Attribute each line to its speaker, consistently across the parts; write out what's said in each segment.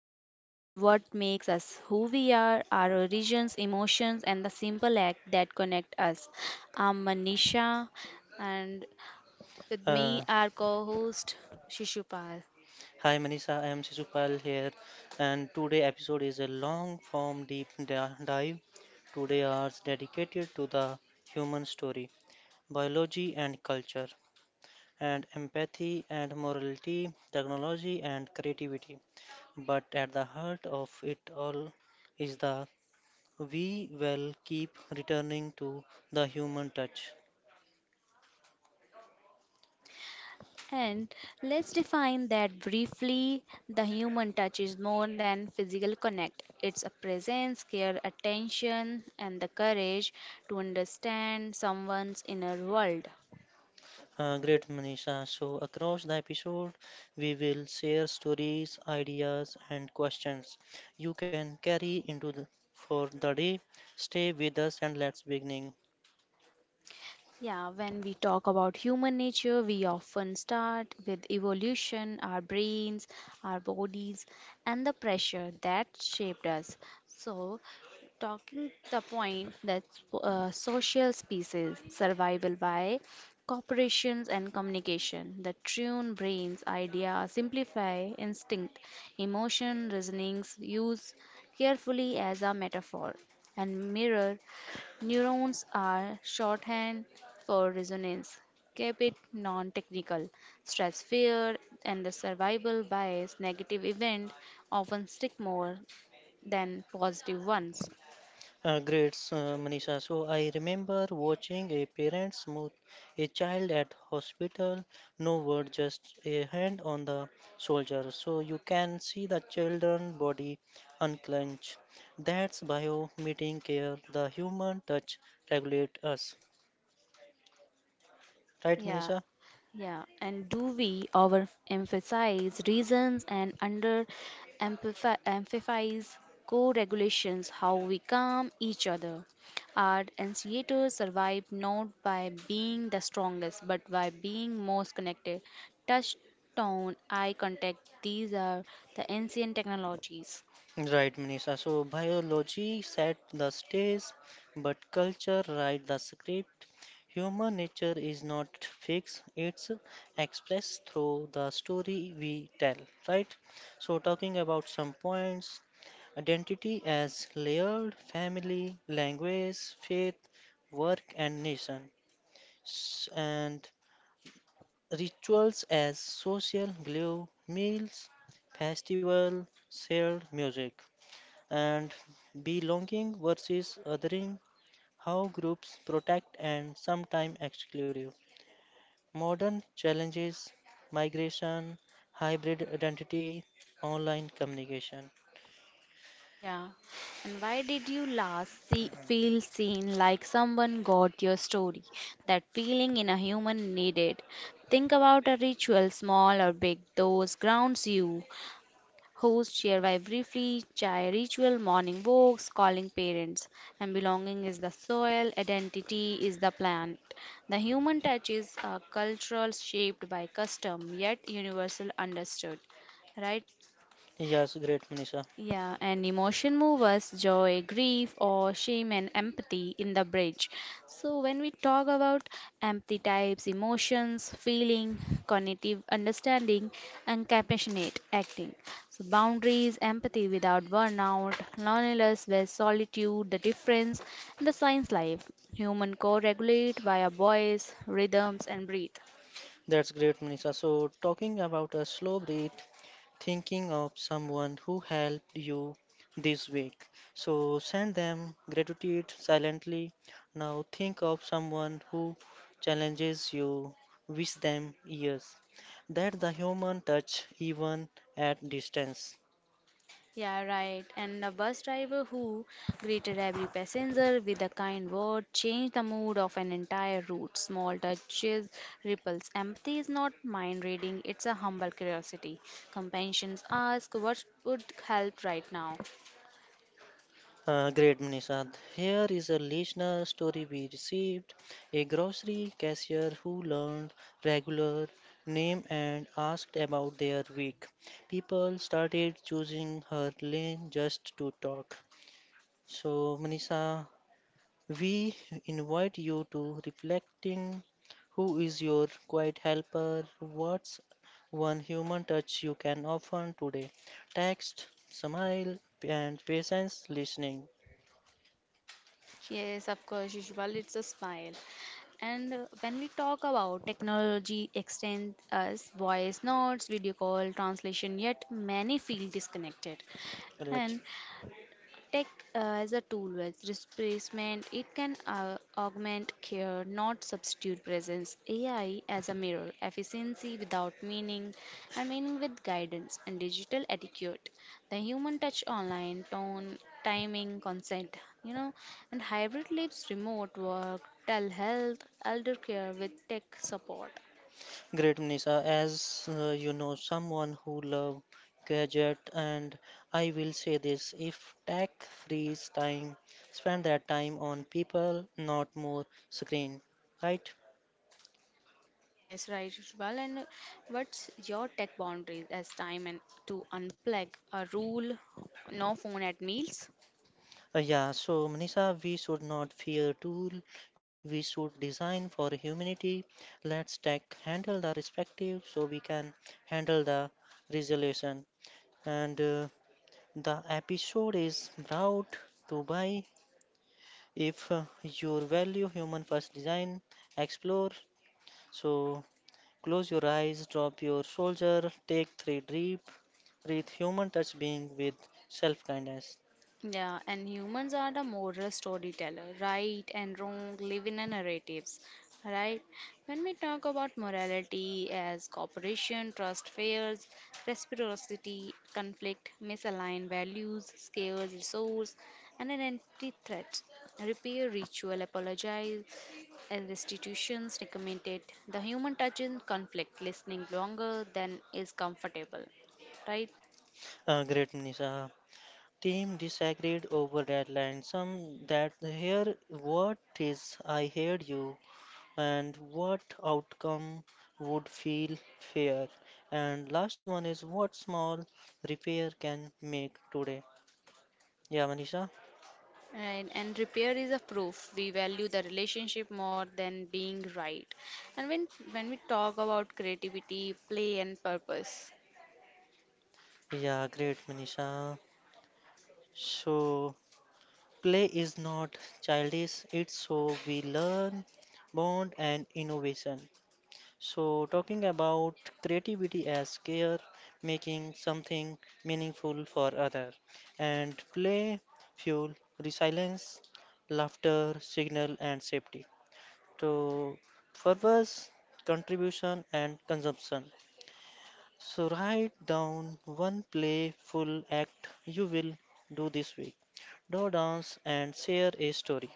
Speaker 1: closely at what makes us who we are, our origins, emotions, and the simple act that connect us. I'm Manisha, and with me,
Speaker 2: Uh,
Speaker 1: our co host Shishupal.
Speaker 2: Hi Manisha, I am Shishupal here, and today episode is a long form deep dive. Today are dedicated to the human story, biology and culture, and empathy and morality, technology and creativity. But at the heart of it all is the we will keep returning to the human touch.
Speaker 1: And let's define that briefly. The human touch is more than physical connect. It's a presence, care, attention, and the courage to understand someone's inner world.
Speaker 2: Great, Manisha. So, across the episode, we will share stories, ideas, and questions you can carry into the, for the day. Stay with us and let's beginning.
Speaker 1: Yeah, when we talk about human nature, we often start with evolution, our brains, our bodies, and the pressure that shaped us. So, talking the point that social species survival by corporations and communication the tune brains idea simplify instinct emotion reasonings use carefully as a metaphor and mirror neurons are shorthand for resonance keep it non-technical stress fear and the survival bias negative event often stick more than positive ones.
Speaker 2: Manisha. So, I remember watching a parent smooth a child at hospital. No word, just a hand on the shoulder. So, you can see the children body unclench. That's bio meeting care. The human touch regulate us. Right,
Speaker 1: Yeah,
Speaker 2: Manisha?
Speaker 1: yeah. And do we overemphasize reasons and under amplify emphasize co-regulations, how we calm each other? Our anciators survived not by being the strongest, but by being most connected. Touch, tone, eye contact, these are the ancient technologies.
Speaker 2: Right, Manisha. So biology set the stage, but culture write the script. Human nature is not fixed, it's expressed through the story we tell, right? So talking about some points, identity as layered, family, language, faith, work and nation. And rituals as social glue, meals, festival, shared music. And belonging versus othering, how groups protect and sometimes exclude. Modern challenges, migration, hybrid identity, online communication.
Speaker 1: Yeah. And why did you last see, feel seen like someone got your story? That feeling in a human needed. Think about a ritual, small or big, those grounds you. Host, share by briefly, chai ritual, morning walks, calling parents. And belonging is the soil, identity is the plant. The human touch is a cultural shaped by custom, yet universal understood. Right?
Speaker 2: Yes, great, Manisha.
Speaker 1: Yeah, and emotion movers, joy, grief, or shame and empathy in the bridge. So, when we talk about empathy types, emotions, feeling, cognitive understanding, and compassionate acting. So, boundaries, empathy without burnout, loneliness with solitude, the difference, and the science life. Human co regulate via voice, rhythms, and breathe.
Speaker 2: That's great, Manisha. So, talking about a slow breath, thinking of someone who helped you this week. So send them gratitude silently. Now think of someone who challenges you. Wish them years. That's the human touch, even at distance.
Speaker 1: Yeah, right. And a bus driver who greeted every passenger with a kind word changed the mood of an entire route. Small touches, ripples. Empathy is not mind reading, it's a humble curiosity. Companions ask, what would help right now?
Speaker 2: Great, Manisha. Here is a listener story we received. A grocery cashier who learned regular name and asked about their week. People started choosing her lane just to talk. So, Manisha, we invite you to reflecting who is your quiet helper? What's one human touch you can offer today? Text, smile, and patience listening.
Speaker 1: Yes, of course, usual, it's a smile. And when we talk about technology extends us voice notes, video call, translation, yet many feel disconnected.
Speaker 2: Great.
Speaker 1: And tech as a tool with replacement, it can augment care, not substitute presence. AI as a mirror, efficiency without meaning, and meaning with guidance and digital etiquette. The human touch online, tone, timing, consent, you know, and hybrid lives, remote work, telehealth, elder care with tech support.
Speaker 2: Great, Nisa. As you know, someone who love gadget, and I will say this: if tech frees time, spend that time on people, not more screen, right?
Speaker 1: Yes, right, well. And what's your tech boundaries as time and to unplug a rule, no phone at meals?
Speaker 2: Yeah. So, Nisa, we should not fear tool. We should design for humanity. Let's tech handle the respective, so we can handle the resolution. And the episode is brought to by. If you value human first design, explore. So close your eyes, drop your shoulder, take three deep breath. Human touch being with self kindness.
Speaker 1: Yeah, and humans are the moral storyteller. Right and wrong live in a narratives, right? When we talk about morality as cooperation, trust, fears, reciprocity, conflict, misaligned values, scarce resource, and an identity threat, repair, ritual, apologize, and restitutions recommended. The human touch in conflict, listening longer than is comfortable, right?
Speaker 2: Great, Nisha. Team disagreed over deadline. Some that here, what is I heard you, and what outcome would feel fair. And last one is what small repair can make today. Yeah, Manisha.
Speaker 1: Right, and repair is a proof. We value the relationship more than being right. And when we talk about creativity, play, and purpose,
Speaker 2: Yeah, great, Manisha. So, play is not childish, it's so we learn, bond, and innovation. So, talking about creativity as care, making something meaningful for other, and play fuel resilience, laughter, signal, and safety. So, purpose, contribution, and consumption. So write down one playful act you will do this week. Do dance and share a story.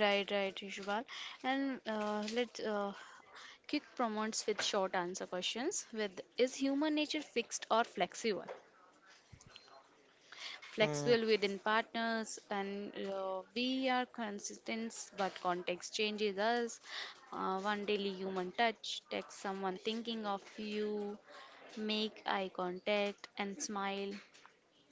Speaker 1: right, right, Rishubal. And let's kick promotes with short answer questions. With is human nature fixed or flexible?
Speaker 2: Mm,
Speaker 1: Flexible within partners, and we are consistent, but context changes us. One daily human touch, text someone thinking of you, make eye contact, and smile.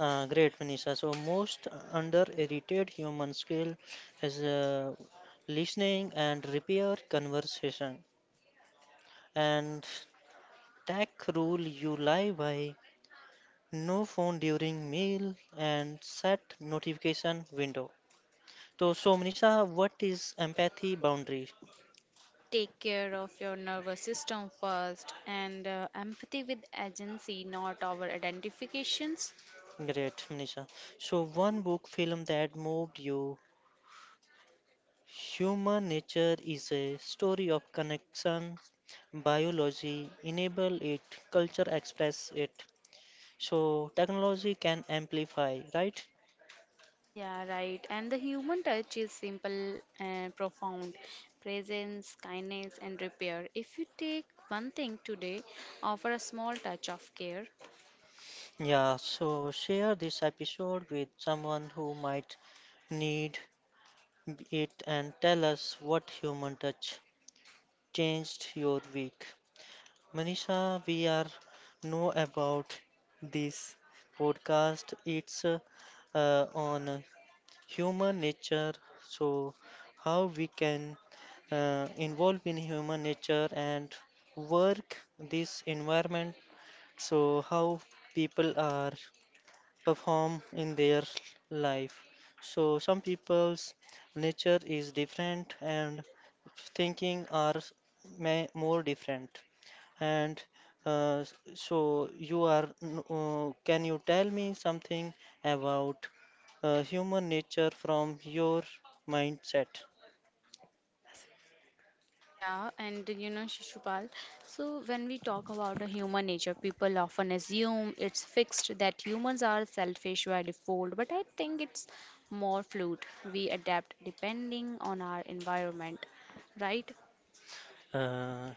Speaker 2: great, Manisha. So most underrated human skill is listening and repair conversation. And tech rule you lie by. No phone during meal and set notification window. So, Manisha, what is empathy boundary?
Speaker 1: Take care of your nervous system first, and empathy with agency, not our identifications.
Speaker 2: Great, Nisha. So, one book film that moved you, Human Nature, is a story of connection, biology, enable it, culture express it. So, technology can amplify, right?
Speaker 1: Yeah, right. And the human touch is simple and profound. Presence, kindness, and repair. If you take one thing today, offer a small touch of care.
Speaker 2: Yeah, so share this episode with someone who might need it and tell us what human touch changed your week. Manisha, we are know about this podcast. It's on human nature, so how we can involve in human nature and work this environment. So how people are perform in their life. So some people's nature is different and thinking are may, more different. And uh, so you are, can you tell me something about human nature from your mindset?
Speaker 1: Yeah, and you know, Shishupal, so when we talk about the human nature, people often assume it's fixed that humans are selfish by default, but I think it's more fluid. We adapt depending on our environment, right?
Speaker 2: Uh,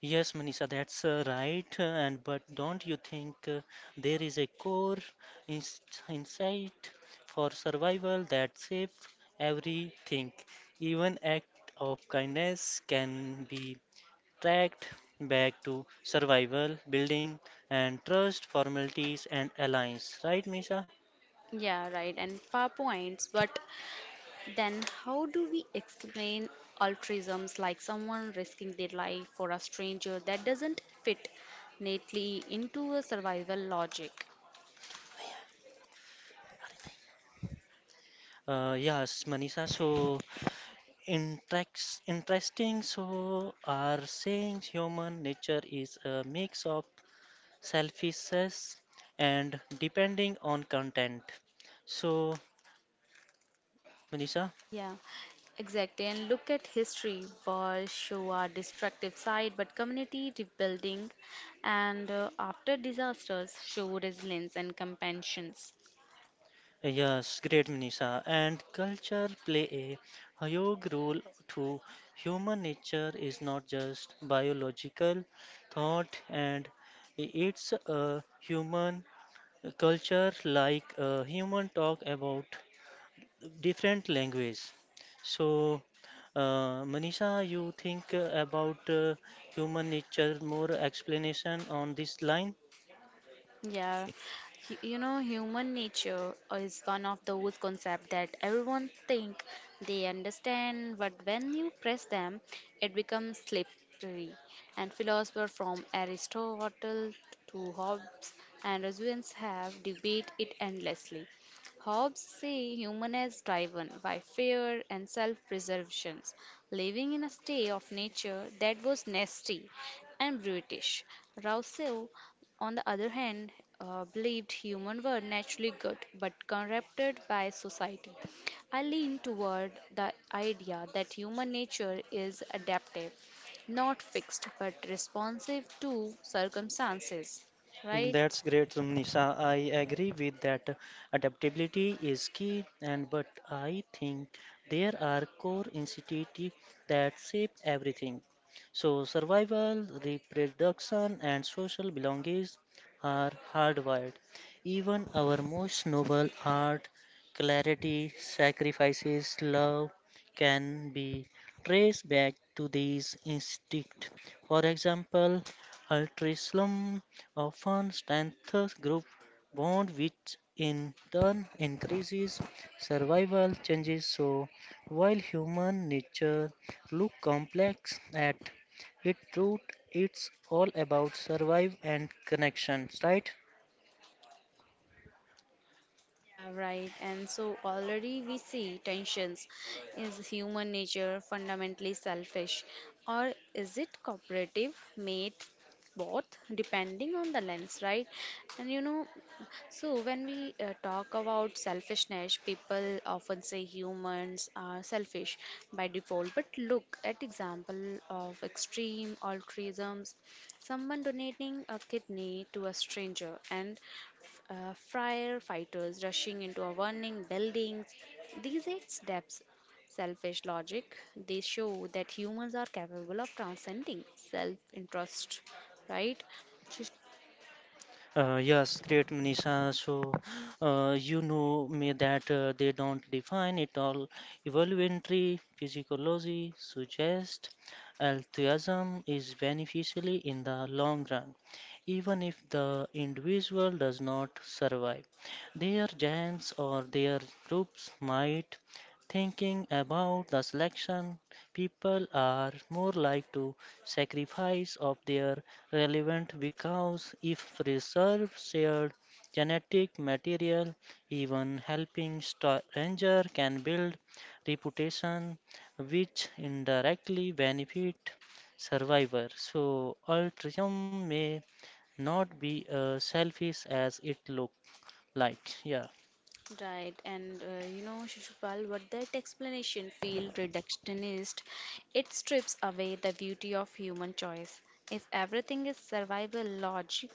Speaker 2: yes, Manisha, that's right. And but don't you think there is a core ins insight for survival that saves everything? Even act of kindness can be tracked back to survival, building, and trust, formalities, and alliance. Right, Misha?
Speaker 1: Yeah, right, and far points, but then, how do we explain altruisms like someone risking their life for a stranger that doesn't fit neatly into a survival logic?
Speaker 2: Yes, Manisha. So, interesting. So, are saying human nature is a mix of selfishness and depending on content. So, Manisha.
Speaker 1: Yeah, exactly. And look at history. Wars show our destructive side, but community rebuilding and after disasters show resilience and compassion.
Speaker 2: Yes, great Manisha. And culture play a huge role too. Human nature is not just biological thought, and it's a human culture like human talk about different language. So, Manisha, you think about human nature more explanation on this line?
Speaker 1: Yeah, you know, human nature is one of those concepts that everyone think they understand, but when you press them, it becomes slippery. And philosophers from Aristotle to Hobbes and Rousseau have debated it endlessly. Hobbes say human is driven by fear and self-preservation, living in a state of nature that was nasty and brutish. Rousseau on the other hand, believed humans were naturally good but corrupted by society. I lean toward the idea that human nature is adaptive, not fixed but responsive to circumstances, right?
Speaker 2: That's great, Nisha. I agree with that. Adaptability is key, and but I think there are core instincts that shape everything. So survival, reproduction, and social belongings are hardwired. Even our most noble art, clarity, sacrifices, love can be traced back to these instincts. For example, altruism often strengthens group bond which in turn increases survival changes so while human nature look complex at its root it's all about survive and connections, right?
Speaker 1: Yeah, right. And so already we see tensions. Is human nature fundamentally selfish or is it cooperative? Made both depending on the lens, right? And you know, so, when we talk about selfishness, people often say humans are selfish by default. But look at example of extreme altruisms, someone donating a kidney to a stranger, and f- uh, firefighters rushing into a burning buildings. These eight steps selfish logic they show that humans are capable of transcending self interest, right? So
Speaker 2: Yes, great, Manisha. So, you know me that they don't define it all. Evolutionary physiology suggests altruism is beneficially in the long run, even if the individual does not survive. Their giants or their groups might thinking about the selection people are more like to sacrifice of their relevant because if reserve shared genetic material, even helping stranger can build reputation which indirectly benefit survivor. So altruism may not be selfish as it look like. Yeah.
Speaker 1: right, and you know, Shishupal, what that explanation feel reductionist, it strips away the beauty of human choice. If everything is survival logic,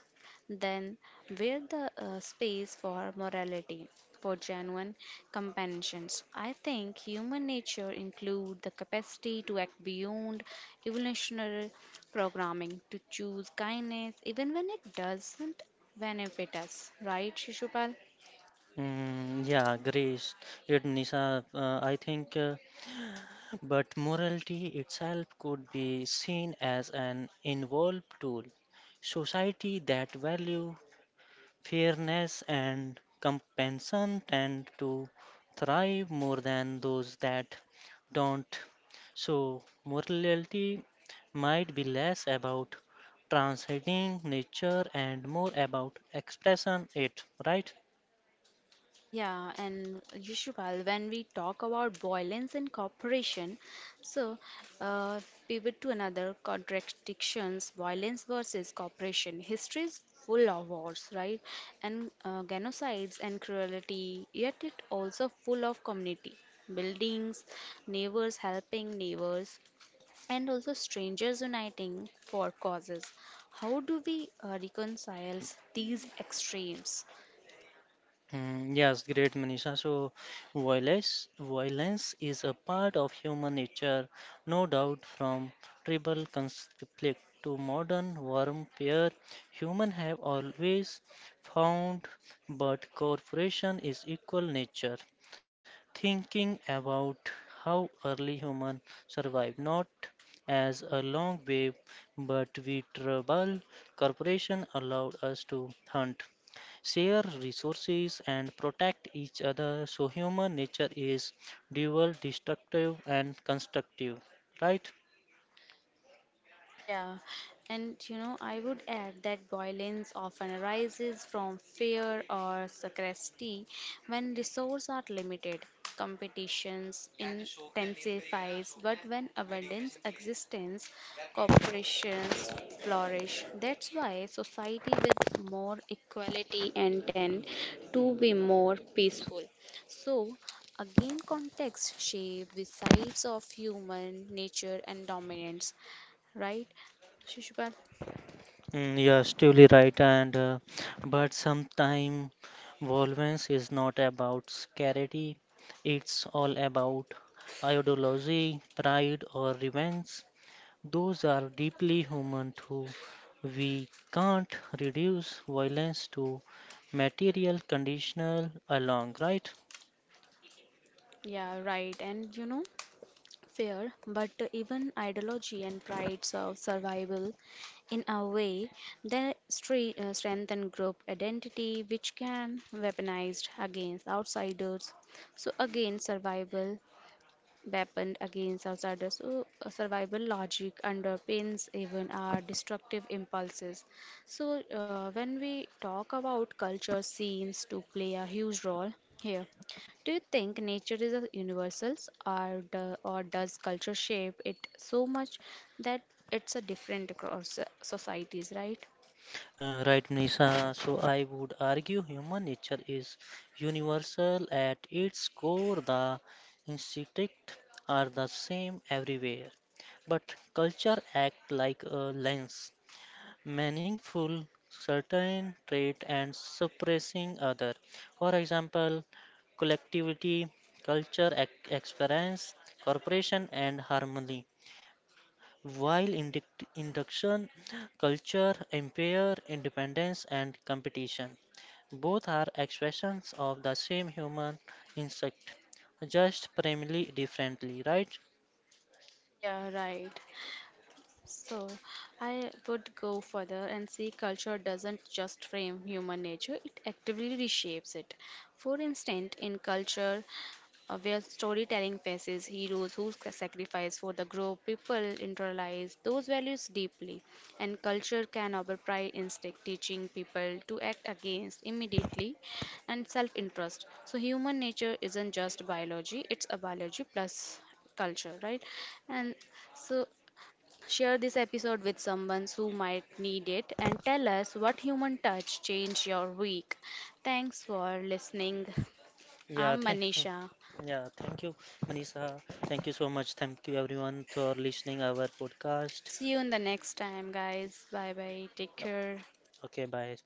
Speaker 1: then where the space for morality, for genuine companions? I think human nature include the capacity to act beyond evolutionary programming, to choose kindness even when it doesn't benefit us. Right, Shishupal?
Speaker 2: Mm, yeah, Grace, it Nisha, I think But morality itself could be seen as an involved tool. Society that value fairness and compensation tend to thrive more than those that don't. So morality might be less about transcending nature and more about expressing it, right?
Speaker 1: Yeah, and Yushpal, when we talk about violence and cooperation, so uh, pivot to another contradictions, violence versus cooperation. History is full of wars, right? And genocides and cruelty, yet it also full of community, buildings, neighbors helping neighbors, and also strangers uniting for causes. How do we reconcile these extremes?
Speaker 2: Mm, yes, great, Manisha. So, violence is a part of human nature, no doubt. From tribal conflict to modern warfare, human have always found, but cooperation is equal nature thinking about how early humans survived not as a long wave, but we tribal corporation allowed us to hunt, share resources, and protect each other. So human nature is dual, destructive and constructive, right?
Speaker 1: Yeah, and you know, I would add that violence often arises from fear or scarcity when resources are limited. Competitions intensifies, but when abundance existence, corporations flourish. That's why society with more equality and tend to be more peaceful. So, again, context shape the sides of human nature and dominance, right? Shishupal?
Speaker 2: Mm, you're right, and but sometimes violence is not about scarcity; it's all about ideology, pride, or revenge. Those are deeply human too. We can't reduce violence to material conditional along, right?
Speaker 1: Yeah, right. And you know, fair, but even ideology and prides of survival in a way they strengthen group identity, which can weaponized against outsiders. So again, survival weapon against outsiders. So, survival logic underpins even our destructive impulses. So, when we talk about culture, seems to play a huge role here. Do you think nature is a universals, or or does culture shape it so much that it's a different across societies, right?
Speaker 2: Right, Nisha. So I would argue human nature is universal at its core. The instincts are the same everywhere, but culture act like a lens, meaningful certain trait and suppressing other. For example, collectivity, culture, experience, cooperation, and harmony. While induction culture impair independence and competition, both are expressions of the same human instinct, just primarily differently, right?
Speaker 1: Yeah, right. So, I would go further and say culture doesn't just frame human nature, it actively reshapes it. For instance, in culture, where storytelling faces heroes who sacrifice for the group, people internalize those values deeply, and culture can override instinct, teaching people to act against immediately and self-interest. So, human nature isn't just biology; it's a biology plus culture, right? And so share this episode with someone who might need it and tell us what human touch changed your week. Thanks for listening.
Speaker 2: Yeah,
Speaker 1: I'm
Speaker 2: thank,
Speaker 1: Manisha.
Speaker 2: yeah, thank you, Manisha. Thank you so much. Thank you everyone for listening our podcast.
Speaker 1: See you in the next time, guys. Bye bye. Take care.
Speaker 2: Okay, bye.